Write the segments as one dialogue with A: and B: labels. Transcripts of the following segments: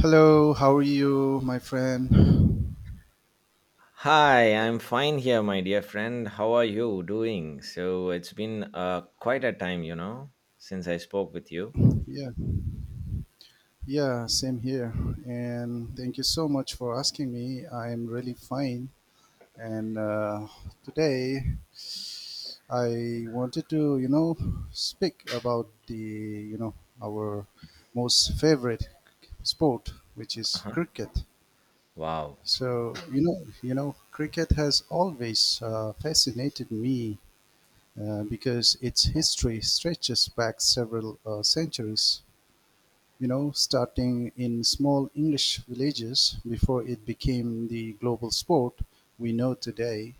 A: Hello, how are you, my friend?
B: Hi, I'm fine here, my dear friend. How are you doing? So it's been quite a time, since I spoke with you.
A: Yeah, yeah, same here. And thank you so much for asking me. I'm really fine. And today I wanted to, speak about our most favorite sport, which is
B: Uh-huh.
A: cricket.
B: Wow.
A: Cricket has always fascinated me because its history stretches back several centuries. Starting in small English villages before it became the global sport we know today.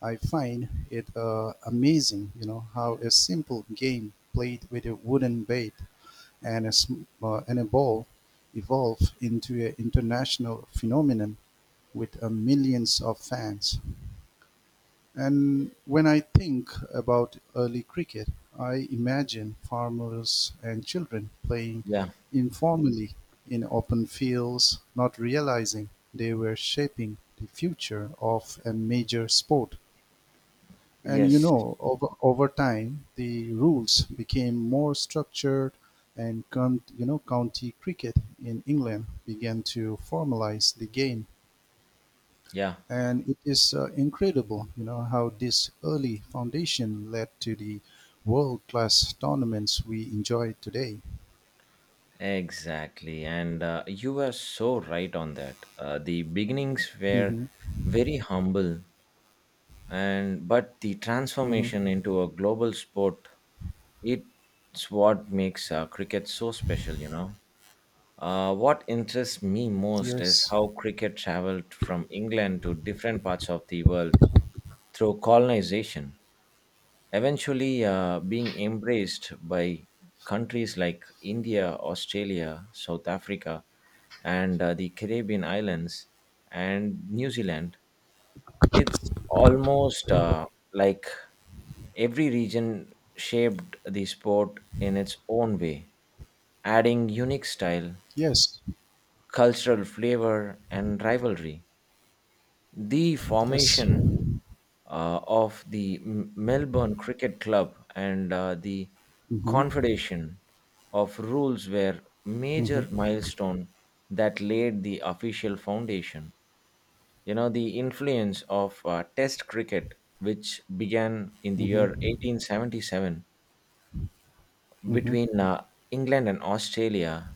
A: I find it amazing, how a simple game played with a wooden bat and a ball evolved into an international phenomenon with millions of fans. And when I think about early cricket, I imagine farmers and children playing
B: Yeah.
A: informally in open fields, not realizing they were shaping the future of a major sport. And
B: Yes.
A: over time, the rules became more structured, and county cricket in England began to formalize the game,
B: Yeah.
A: and it is incredible, how this early foundation led to the world-class tournaments we enjoy today.
B: Exactly. And you were so right on that. The beginnings were
A: Mm-hmm.
B: very humble and but the
A: Mm-hmm.
B: transformation into a global sport it's what makes cricket so special. What interests me most is
A: Yes.
B: how cricket traveled from england to different parts of the world through colonization, eventually being embraced by countries like India, Australia, South Africa, and the Caribbean islands and New Zealand. It's almost like every region shaped the sport in its own way, adding unique style,
A: Yes.
B: cultural flavor, and rivalry. The
A: Yes.
B: formation of the Melbourne Cricket Club and the
A: Mm-hmm.
B: Confederation of Rules were major
A: Mm-hmm.
B: milestone that laid the official foundation. You know, the influence of Test cricket, which began in the year
A: Mm-hmm.
B: 1877
A: Mm-hmm.
B: between England and Australia,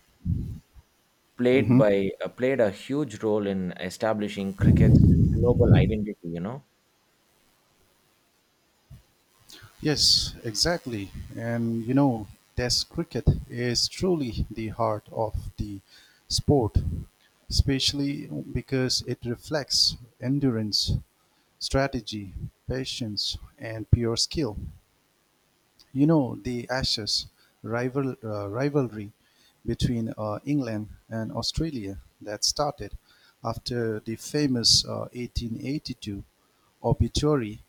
A: Mm-hmm.
B: played a huge role in establishing cricket's global identity. You know,
A: Yes, exactly. And Test cricket is truly the heart of the sport, especially because it reflects endurance, strategy, patience, and pure skill. The Ashes rivalry between England and Australia that started after the famous 1882 obituary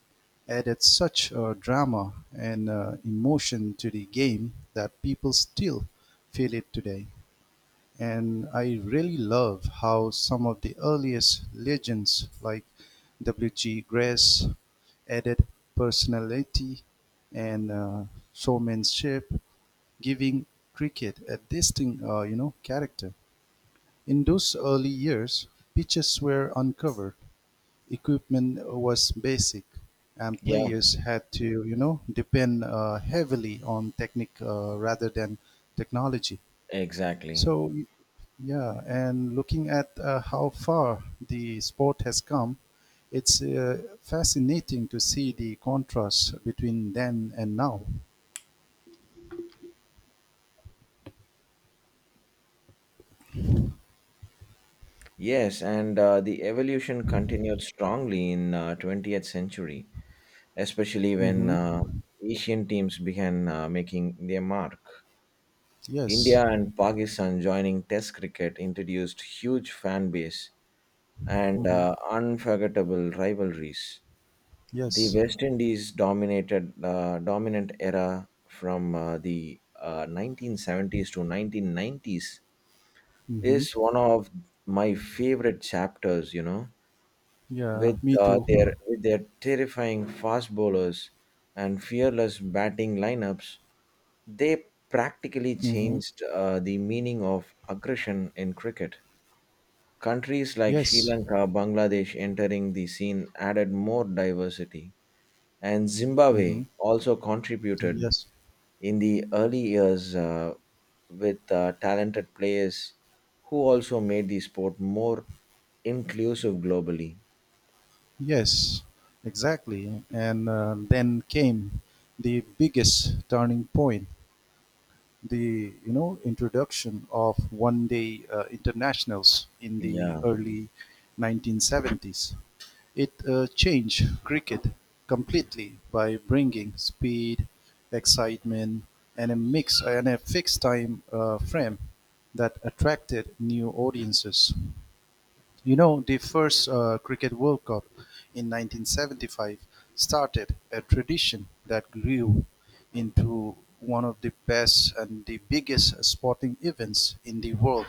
A: added such drama and emotion to the game that people still feel it today. And I really love how some of the earliest legends, like W.G. Grace, added personality and showmanship, giving cricket a distinct, character. In those early years, pitches were uncovered, equipment was basic, and
B: yeah.
A: players had to, depend heavily on technique rather than technology.
B: Exactly.
A: So, yeah, and looking at how far the sport has come, it's fascinating to see the contrast between then and now.
B: Yes, and the evolution continued strongly in 20th century, especially when
A: Mm-hmm.
B: Asian teams began making their mark.
A: Yes.
B: India and Pakistan joining Test cricket introduced huge fan base and
A: Mm-hmm.
B: unforgettable rivalries. The
A: Yes.
B: West Indies dominated dominant era from the 1970s to 1990s
A: Mm-hmm.
B: is one of my favorite chapters, you know,
A: Yeah, me too.
B: with their terrifying fast bowlers and fearless batting lineups, they practically
A: Mm-hmm.
B: changed the meaning of aggression in cricket. Countries like Sri
A: Yes.
B: Lanka, Bangladesh entering the scene added more diversity, and
A: Mm-hmm.
B: Zimbabwe also contributed
A: Yes.
B: in the early years with talented players who also made the sport more inclusive globally.
A: Yes. Exactly. And then came the biggest turning point, the introduction of one day internationals in the
B: Yeah,
A: early 1970s. It changed cricket completely by bringing speed, excitement, and a fixed time frame that attracted new audiences. The first Cricket World Cup in 1975 started a tradition that grew into one of the best and the biggest sporting events in the world.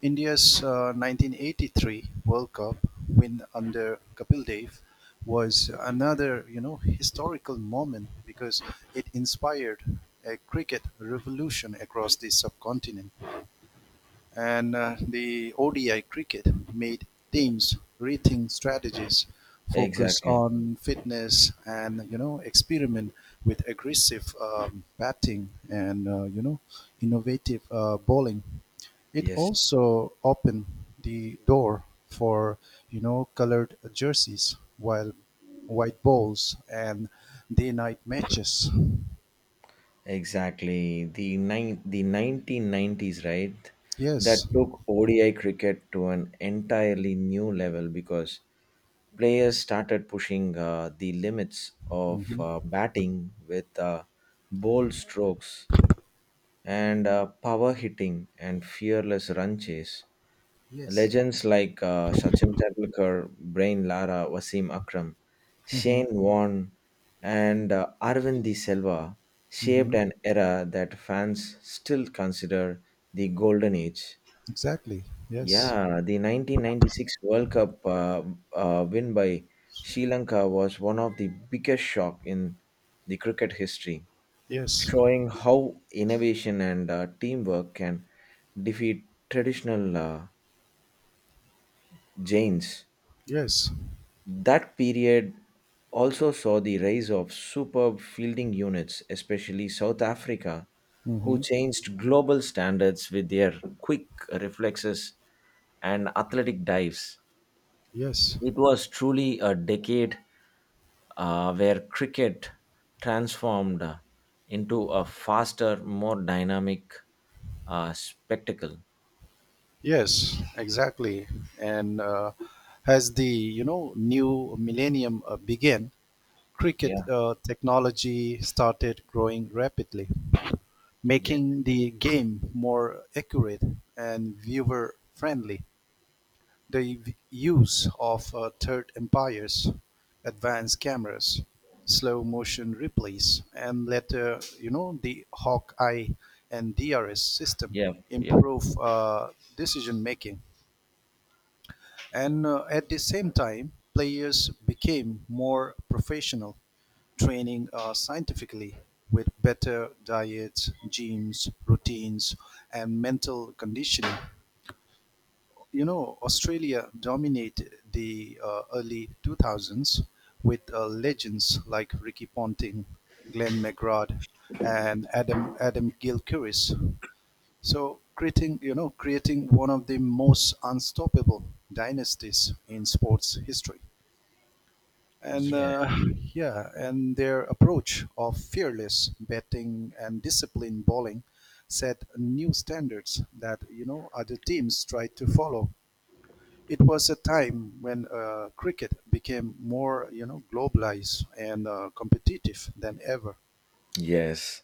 A: India's 1983 World Cup win under Kapil Dev was another, historical moment because it inspired a cricket revolution across the subcontinent, and the ODI cricket made
B: yeah,
A: teams rethink strategies, focus
B: exactly.
A: on fitness, and experiment with aggressive batting and innovative bowling. It
B: Yes,
A: also opened the door for colored jerseys, while white balls and day-night matches.
B: exactly. The 1990s, right? That
A: Yes.
B: took ODI cricket to an entirely new level because players started pushing the limits of
A: Hmm.
B: batting with bold strokes and power hitting and fearless run chase.
A: Yes.
B: Legends like Sachin Tendulkar, Brain Lara, Wasim Akram,
A: Hmm.
B: Shane Warne, and Arvind De Silva shaped
A: Hmm.
B: an era that fans still consider the golden age.
A: Exactly. Yes.
B: Yeah, the 1996 World Cup win by Sri Lanka was one of the biggest shock in the cricket history,
A: Yes.
B: showing how innovation and teamwork can defeat traditional giants.
A: Yes.
B: That period also saw the rise of superb fielding units, especially South Africa, who
A: Mm-hmm.
B: changed global standards with their quick reflexes and athletic dives.
A: Yes,
B: It was truly a decade where cricket transformed into a faster, more dynamic spectacle.
A: yes, exactly. And as the new millennium began, cricket
B: Yeah.
A: technology started growing rapidly,
B: Yeah.
A: making the game more accurate and viewer friendly. The use of Third Empire's advanced cameras, slow-motion replays, and later the Hawkeye and DRS system
B: Yeah. Yeah.
A: improved decision-making, and at the same time, players became more professional, training scientifically with better diets, gyms, routines, and mental conditioning. Australia dominated the early 2000s with legends like Ricky Ponting, Glenn McGrath, and Adam Gilchrist. So creating one of the most unstoppable dynasties in sports history. And
B: Yeah.
A: yeah, and their approach of fearless betting and disciplined bowling set new standards that other teams tried to follow. It was a time when cricket became more, globalized and competitive than ever.
B: Yes.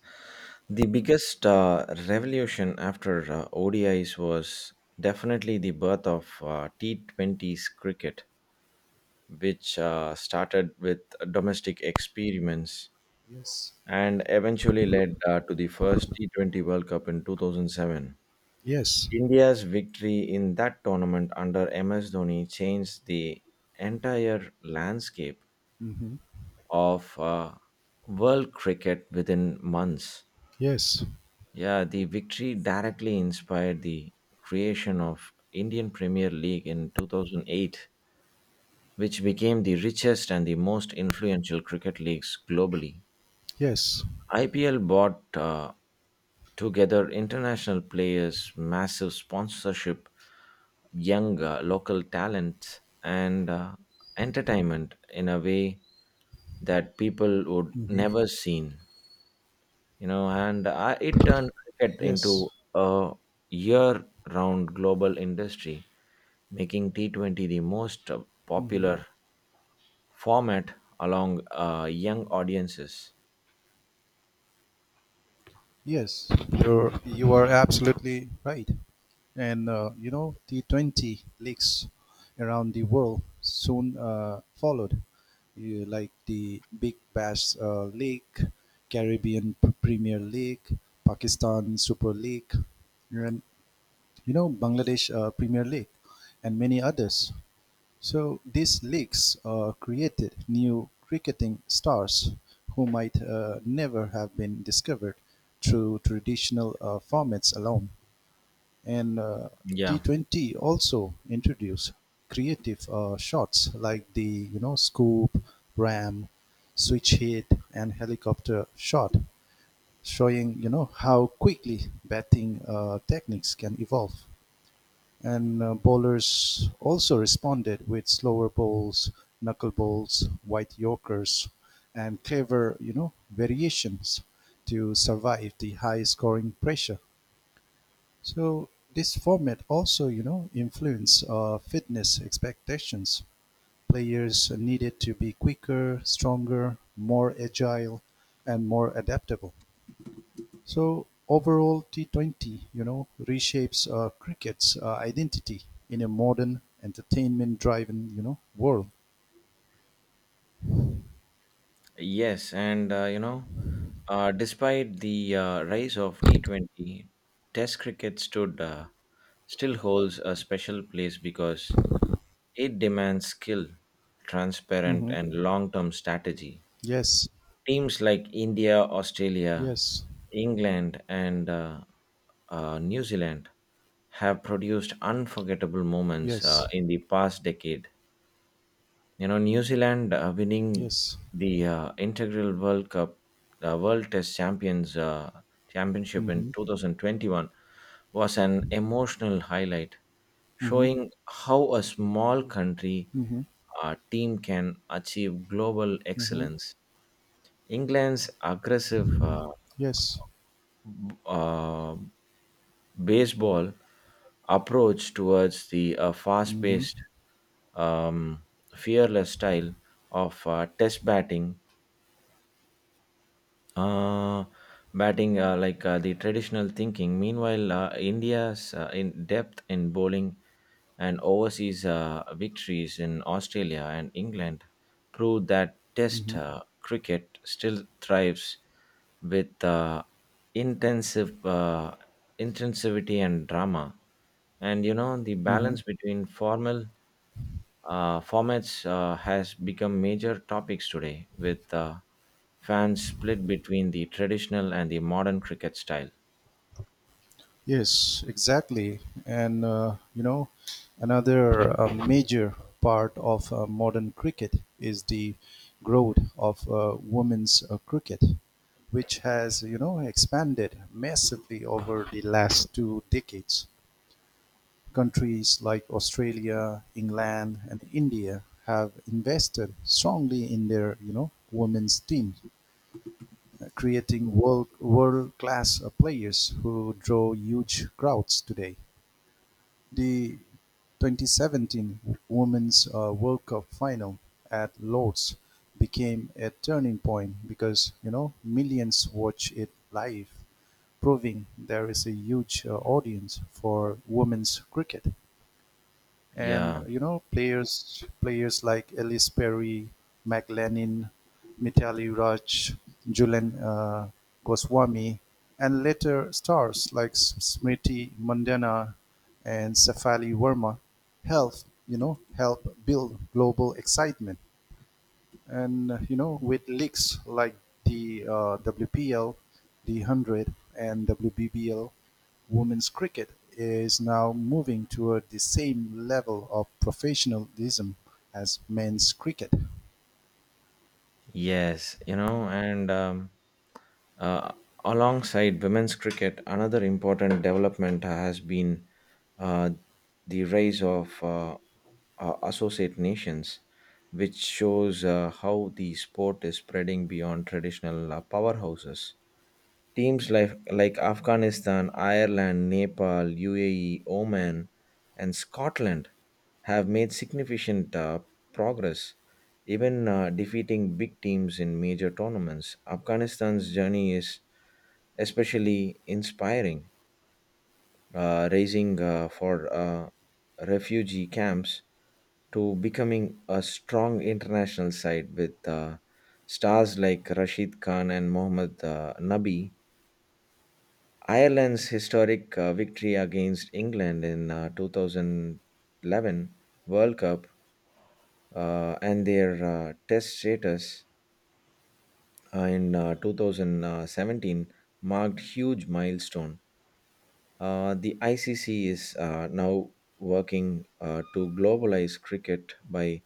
B: The biggest revolution after ODIs was definitely the birth of T20s cricket, which started with domestic experiments
A: Yes.
B: and eventually led to the first T20 World Cup in 2007.
A: Yes.
B: India's victory in that tournament under MS Dhoni changed the entire landscape
A: Hmm.
B: of world cricket within months.
A: Yes.
B: Yeah, the victory directly inspired the creation of Indian Premier League in 2008, which became the richest and the most influential cricket leagues globally.
A: Yes.
B: IPL brought together international players, massive sponsorship, young local talent, and entertainment in a way that people would
A: Hmm.
B: never seen. And it turned cricket into
A: Yes.
B: a year-round global industry, making T20 the most
A: Hmm.
B: popular format along young audiences.
A: Yes, you are absolutely right. And the 20 leaks around the world soon followed, like the Big Bash League, Caribbean Premier League, Pakistan Super League, and Bangladesh Premier League, and many others. So these leagues created new cricketing stars who might never have been discovered through traditional formats alone. And
B: Yeah,
A: T20 also introduced creative shots like the scoop, ram, switch hit, and helicopter shot, showing how quickly batting techniques can evolve. And bowlers also responded with slower bowls, knuckle bowls, white yorkers, and clever, variations to survive the high scoring pressure. So this format also, influenced fitness expectations. Players needed to be quicker, stronger, more agile, and more adaptable. So overall, T20, reshapes cricket's identity in a modern, entertainment-driven, world.
B: yes, and despite the rise of T20, Test cricket stood still holds a special place because it demands skill, transparent,
A: Hmm.
B: and long-term strategy.
A: Yes,
B: Teams like India, Australia,
A: yes,
B: England, and New Zealand have produced unforgettable moments
A: yes,
B: in the past decade. You know, New Zealand winning
A: yes.
B: the integral World Cup, World Test Champions Championship in
A: Hmm.
B: 2021 was an emotional highlight,
A: Hmm.
B: showing how a small country
A: Hmm.
B: team can achieve global
A: Hmm.
B: excellence. England's aggressive
A: Yes.
B: b- uh, baseball approach towards the fast
A: Hmm.
B: paced, um, fearless style of test batting, uh, like the traditional thinking. Meanwhile, India's in depth in bowling and overseas victories in Australia and England proved that Test
A: Hmm.
B: cricket still thrives with intensive intensivity and drama, and you know the
A: Hmm.
B: balance between formal formats has become major topics today, with fans split between the traditional and the modern cricket style.
A: Yes, exactly. And another major part of modern cricket is the growth of women's cricket, which has expanded massively over the last 2 decades. Countries like Australia, England, and India have invested strongly in their women's teams, creating world class players who draw huge crowds today. The 2017 Women's World Cup final at Lords became a turning point because millions watch it live, proving there is a huge audience for women's cricket. And
B: Yeah.
A: players like Ellis Perry, McLennan, Mitali Raj, Julian Goswami, and later stars like Smriti Mandana and Safali Verma help you know help build global excitement. And with leagues like the WPL, the 100, and WBBL, women's cricket is now moving toward the same level of professionalism as men's cricket.
B: Yes. You know, and Uh, Alongside women's cricket, another important development has been uh, the rise of associate nations, which shows how the sport is spreading beyond traditional powerhouses. Like Afghanistan, Ireland, Nepal, UAE, Oman, and Scotland have made significant progress, even defeating big teams in major tournaments. Afghanistan's journey is especially inspiring, raising for refugee camps to becoming a strong international side with stars like Rashid Khan and Mohammad Nabi. Ireland's historic victory against England in 2011 World Cup and their test status in 2017 marked huge milestone. The ICC is now working to globalize cricket by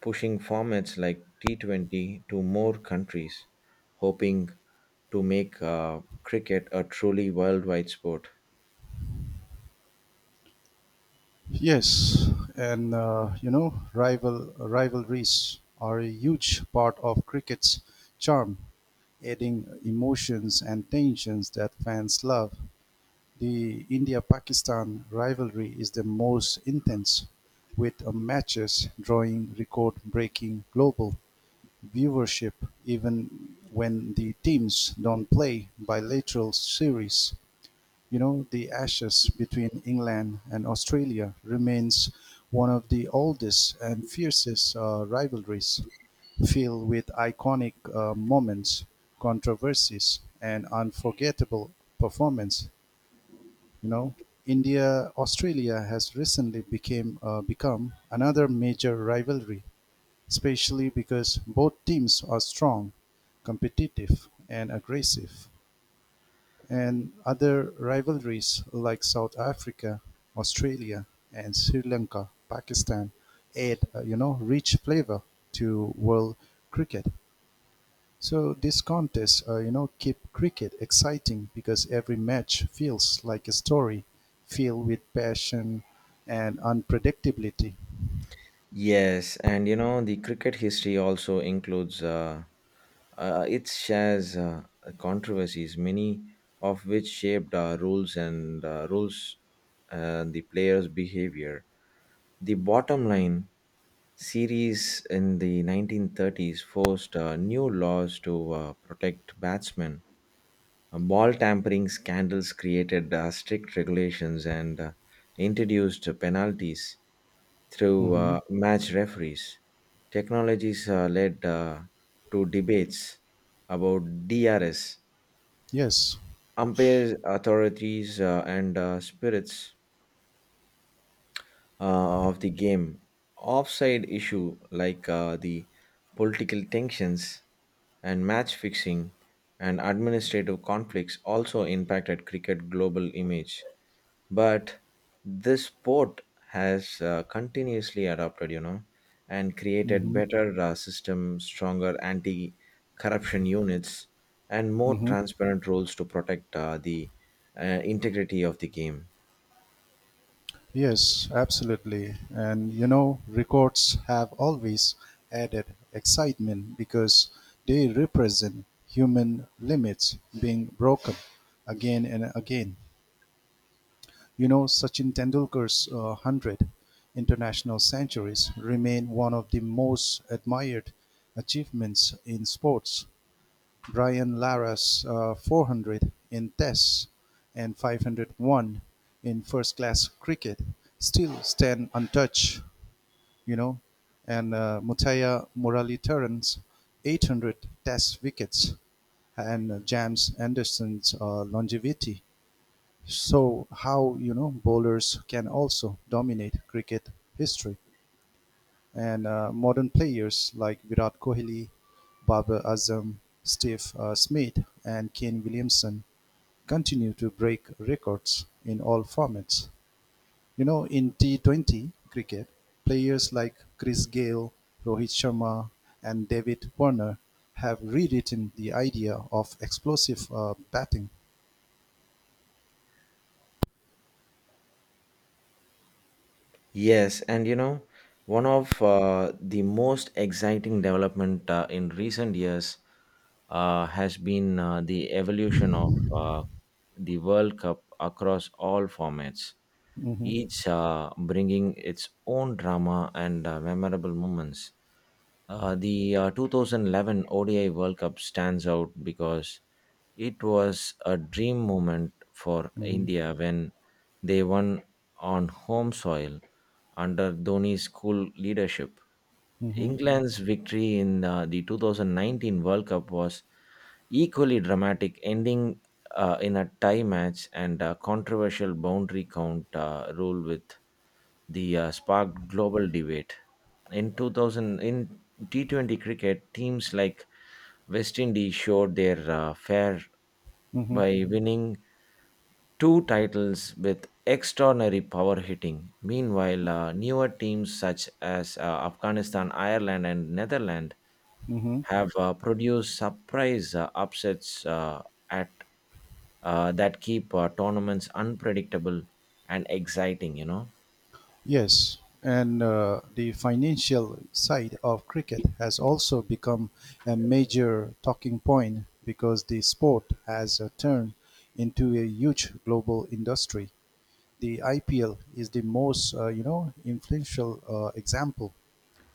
B: pushing formats like T20 to more countries, hoping to make cricket a truly worldwide sport.
A: Yes, and rivalries are a huge part of cricket's charm, adding emotions and tensions that fans love. The India-Pakistan rivalry is the most intense, with matches drawing record-breaking global viewership even when the teams don't play bilateral series. The Ashes between England and Australia remains one of the oldest and fiercest rivalries, filled with iconic moments, controversies, and unforgettable performance. you know India, Australia has recently became become another major rivalry, especially because both teams are strong, competitive, and aggressive. And other rivalries like South Africa, Australia, and Sri Lanka, Pakistan add rich flavor to world cricket. So these contests, keep cricket exciting because every match feels like a story, filled with passion and unpredictability.
B: Yes, and you know, the cricket history also includes, it shares controversies, many of which shaped rules and the players' behavior. The bottom line series in the 1930s forced new laws to protect batsmen. Ball tampering scandals created strict regulations and introduced penalties through
A: Hmm.
B: match referees. Technologies led to debates about DRS,
A: Yes.
B: umpires, authorities, and spirits of the game. Offside issue like the political tensions and match fixing and administrative conflicts also impacted cricket global image. But this sport has continuously adopted, you know, and created
A: Hmm.
B: better system, stronger anti corruption units and more
A: Hmm.
B: transparent rules to protect the integrity of the game.
A: Yes, absolutely. And records have always added excitement because they represent human limits being broken again and again. Sachin Tendulkar's 100 international centuries remain one of the most admired achievements in sports. Brian Lara's 400 in Tests and 501 in first class cricket still stand untouched, you know, and Mutaya Muralidharan's 800 Test wickets and James Anderson's longevity, so how bowlers can also dominate cricket history. And modern players like Virat Kohli, Babar Azam, Steve Smith, and Kane Williamson continue to break records in all formats. In T20 cricket, players like Chris Gale, Rohit Sharma, and David Warner have rewritten the idea of explosive batting.
B: Yes, and you know, one of the most exciting development in recent years has been the evolution of the World Cup across all formats,
A: Hmm.
B: each bringing its own drama and memorable moments. The 2011 ODI World Cup stands out because it was a dream moment for
A: Hmm.
B: India when they won on home soil under Dhoni's cool leadership.
A: Hmm.
B: England's victory in the 2019 World Cup was equally dramatic, ending in a tie match and a controversial boundary count rule with the sparked global debate. In 2000, in T20 cricket, teams like West Indies showed their fair
A: Hmm.
B: by winning two titles with extraordinary power hitting. Meanwhile, newer teams such as Afghanistan, Ireland, and Netherlands
A: Hmm.
B: have produced surprise upsets at that keep tournaments unpredictable and exciting. You know.
A: Yes, and the financial side of cricket has also become a major talking point because the sport has turned into a huge global industry. The IPL is the most, influential example,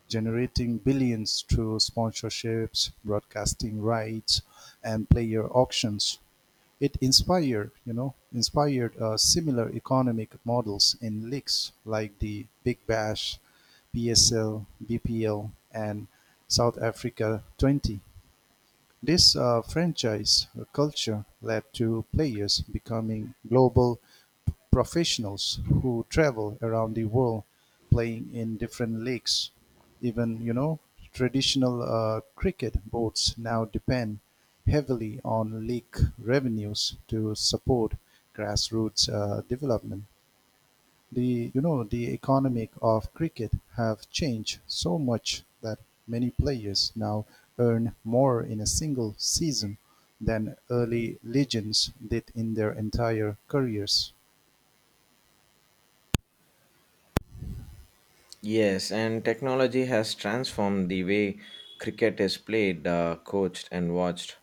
A: generating billions through sponsorships, broadcasting rights, and player auctions. It inspired similar economic models in leaks like the Big Bash, PSL, BPL, and South Africa 20. This franchise culture led to players becoming global professionals who travel around the world playing in different leagues. Even, traditional cricket boards now depend heavily on league revenues to support grassroots development. The you know the economic of cricket have changed so much that many players now earn more in a single season than early legends did in their entire careers.
B: Yes, and technology has transformed the way cricket is played, coached, and watched.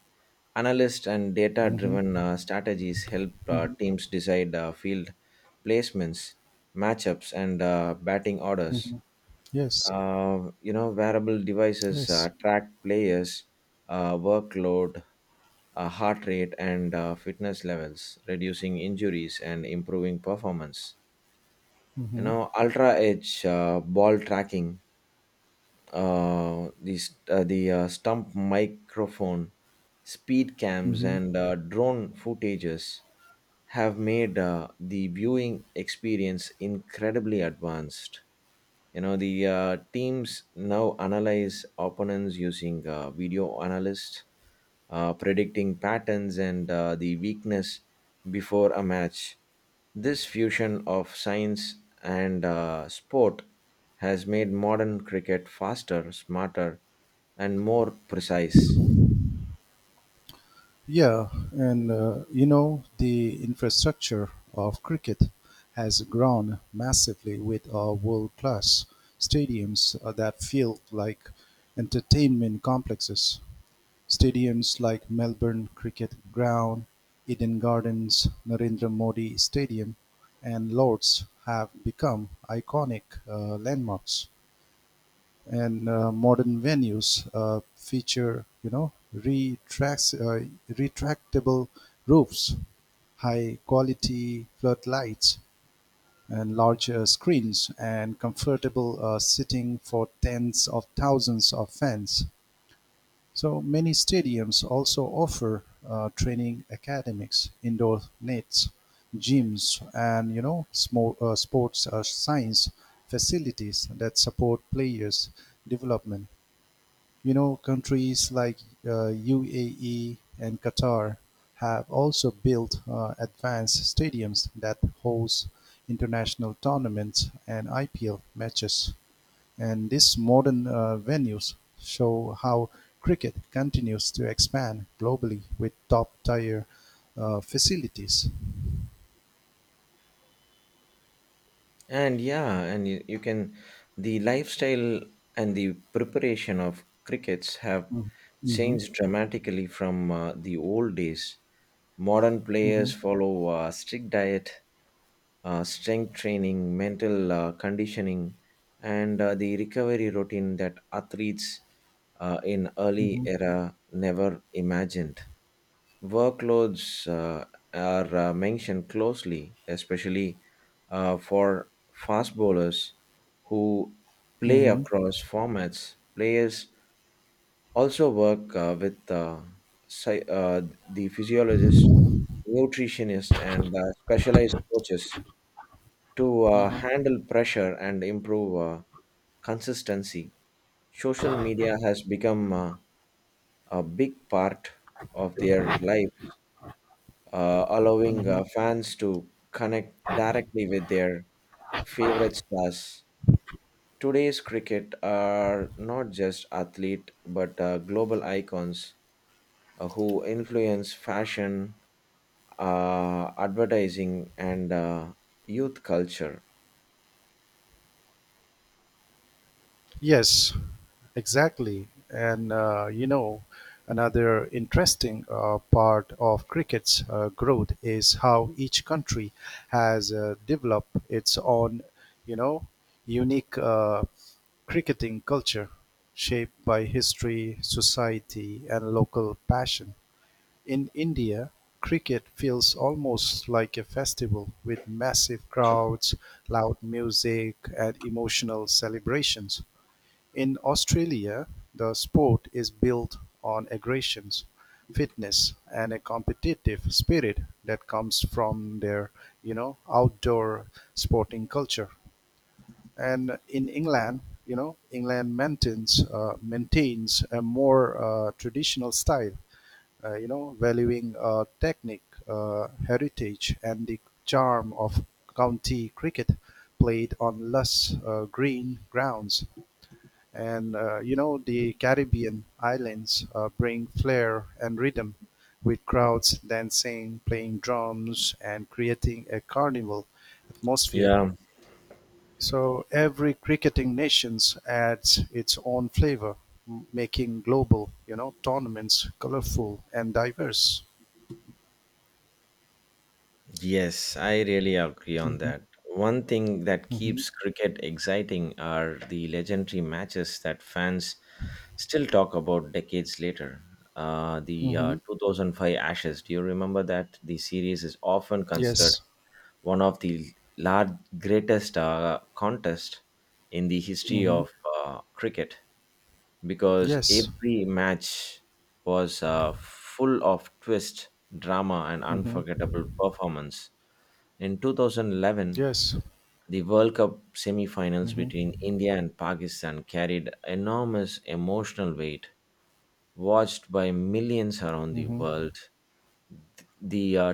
B: Analyst and data driven
A: Hmm.
B: strategies help
A: Hmm.
B: teams decide field placements, matchups, and batting orders.
A: Hmm. Yes,
B: You know, wearable devices
A: yes.
B: track players' workload, heart rate, and fitness levels, reducing injuries and improving performance. You
A: Hmm.
B: know, Ultra Edge ball tracking, the st- the stump microphone, speed cams,
A: Hmm.
B: and drone footages have made the viewing experience incredibly advanced. You know the teams now analyze opponents using video analysts predicting patterns and the weakness before a match. This fusion of science and sport has made modern cricket faster, smarter, and more precise.
A: Yeah, and the infrastructure of cricket has grown massively with our world class stadiums that feel like entertainment complexes. Stadiums like Melbourne Cricket Ground, Eden Gardens, Narendra Modi Stadium, and Lords have become iconic landmarks, and modern venues feature, retractable roofs, high quality floodlights, and larger screens, and comfortable sitting for tens of thousands of fans. So many stadiums also offer training academies, indoor nets, gyms, and small, sports science facilities that support players' development. Countries like UAE and Qatar have also built advanced stadiums that host international tournaments and IPL matches. And these modern venues show how cricket continues to expand globally with top tier facilities.
B: And yeah, and you can, the lifestyle and the preparation of crickets have
A: Mm-hmm. Mm-hmm.
B: changed dramatically from the old days. Modern players follow strict diet, strength training, mental conditioning, and the recovery routine that athletes in early
A: Mm-hmm.
B: era never imagined. Workloads are mentioned closely, especially for fast bowlers who play
A: Mm-hmm.
B: across formats. Players also work psy- uh, the physiologist, nutritionist, and specialized coaches to handle pressure and improve consistency. Social media has become a big part of their lives, allowing
A: Mm-hmm.
B: fans to connect directly with their favorite stars. Today's cricket are not just athlete but global icons who influence fashion, advertising, and youth culture.
A: Yes, exactly. And another interesting part of cricket's growth is how each country has developed its own, you know, unique cricketing culture shaped by history, society, and local passion. In India, cricket feels almost like a festival with massive crowds, loud music, and emotional celebrations. In Australia, the sport is built on aggression, fitness, and a competitive spirit that comes from their, outdoor sporting culture. And in England maintains a more traditional style, valuing technique, heritage, and the charm of county cricket played on less green grounds. And the Caribbean islands bring flair and rhythm with crowds dancing, playing drums, and creating a carnival atmosphere.
B: Yeah,
A: So every cricketing nations adds its own flavor, making global, tournaments colorful and diverse.
B: yes, I really agree on
A: Hmm.
B: that. One thing that
A: Hmm.
B: keeps cricket exciting are the legendary matches that fans still talk about decades later. The
A: Hmm.
B: 2005 Ashes, do you remember that? The series is often considered
A: Yes.
B: one of the large, greatest contest in the history
A: Hmm.
B: of cricket because
A: Yes.
B: every match was full of twist, drama, and
A: Hmm.
B: unforgettable performance. In 2011,
A: Yes.
B: the World Cup semi-finals
A: Hmm.
B: between India and Pakistan carried enormous emotional weight, watched by millions around the
A: Hmm.
B: world. The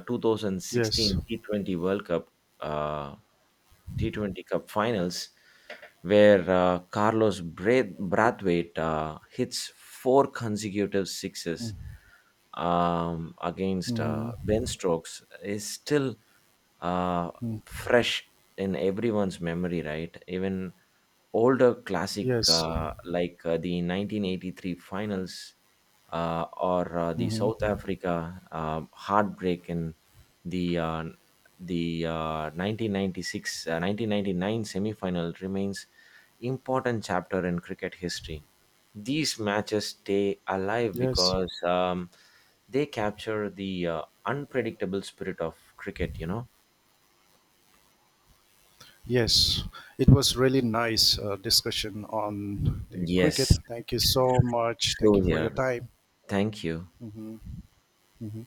A: Yes.
B: 2016 T20 World Cup, uh, T20 Cup Finals, where Brathwaite hits four consecutive sixes against
A: Hmm.
B: Ben Stokes is still uh, fresh in everyone's memory, right? Even older classic
A: Yes.
B: like the 1983 finals or the South
A: Hmm.
B: Africa heartbreak in the uh, the 1996 uh, 1999 semifinal remains important chapter in cricket history. These matches stay alive
A: Yes,
B: because they capture the unpredictable spirit of cricket, you know?
A: yes. It was really nice discussion on the cricket.
B: Yes,
A: Thank you so much. Thank
B: true
A: you for your
B: here.
A: time.
B: Thank you.
A: Hmm. Hmm.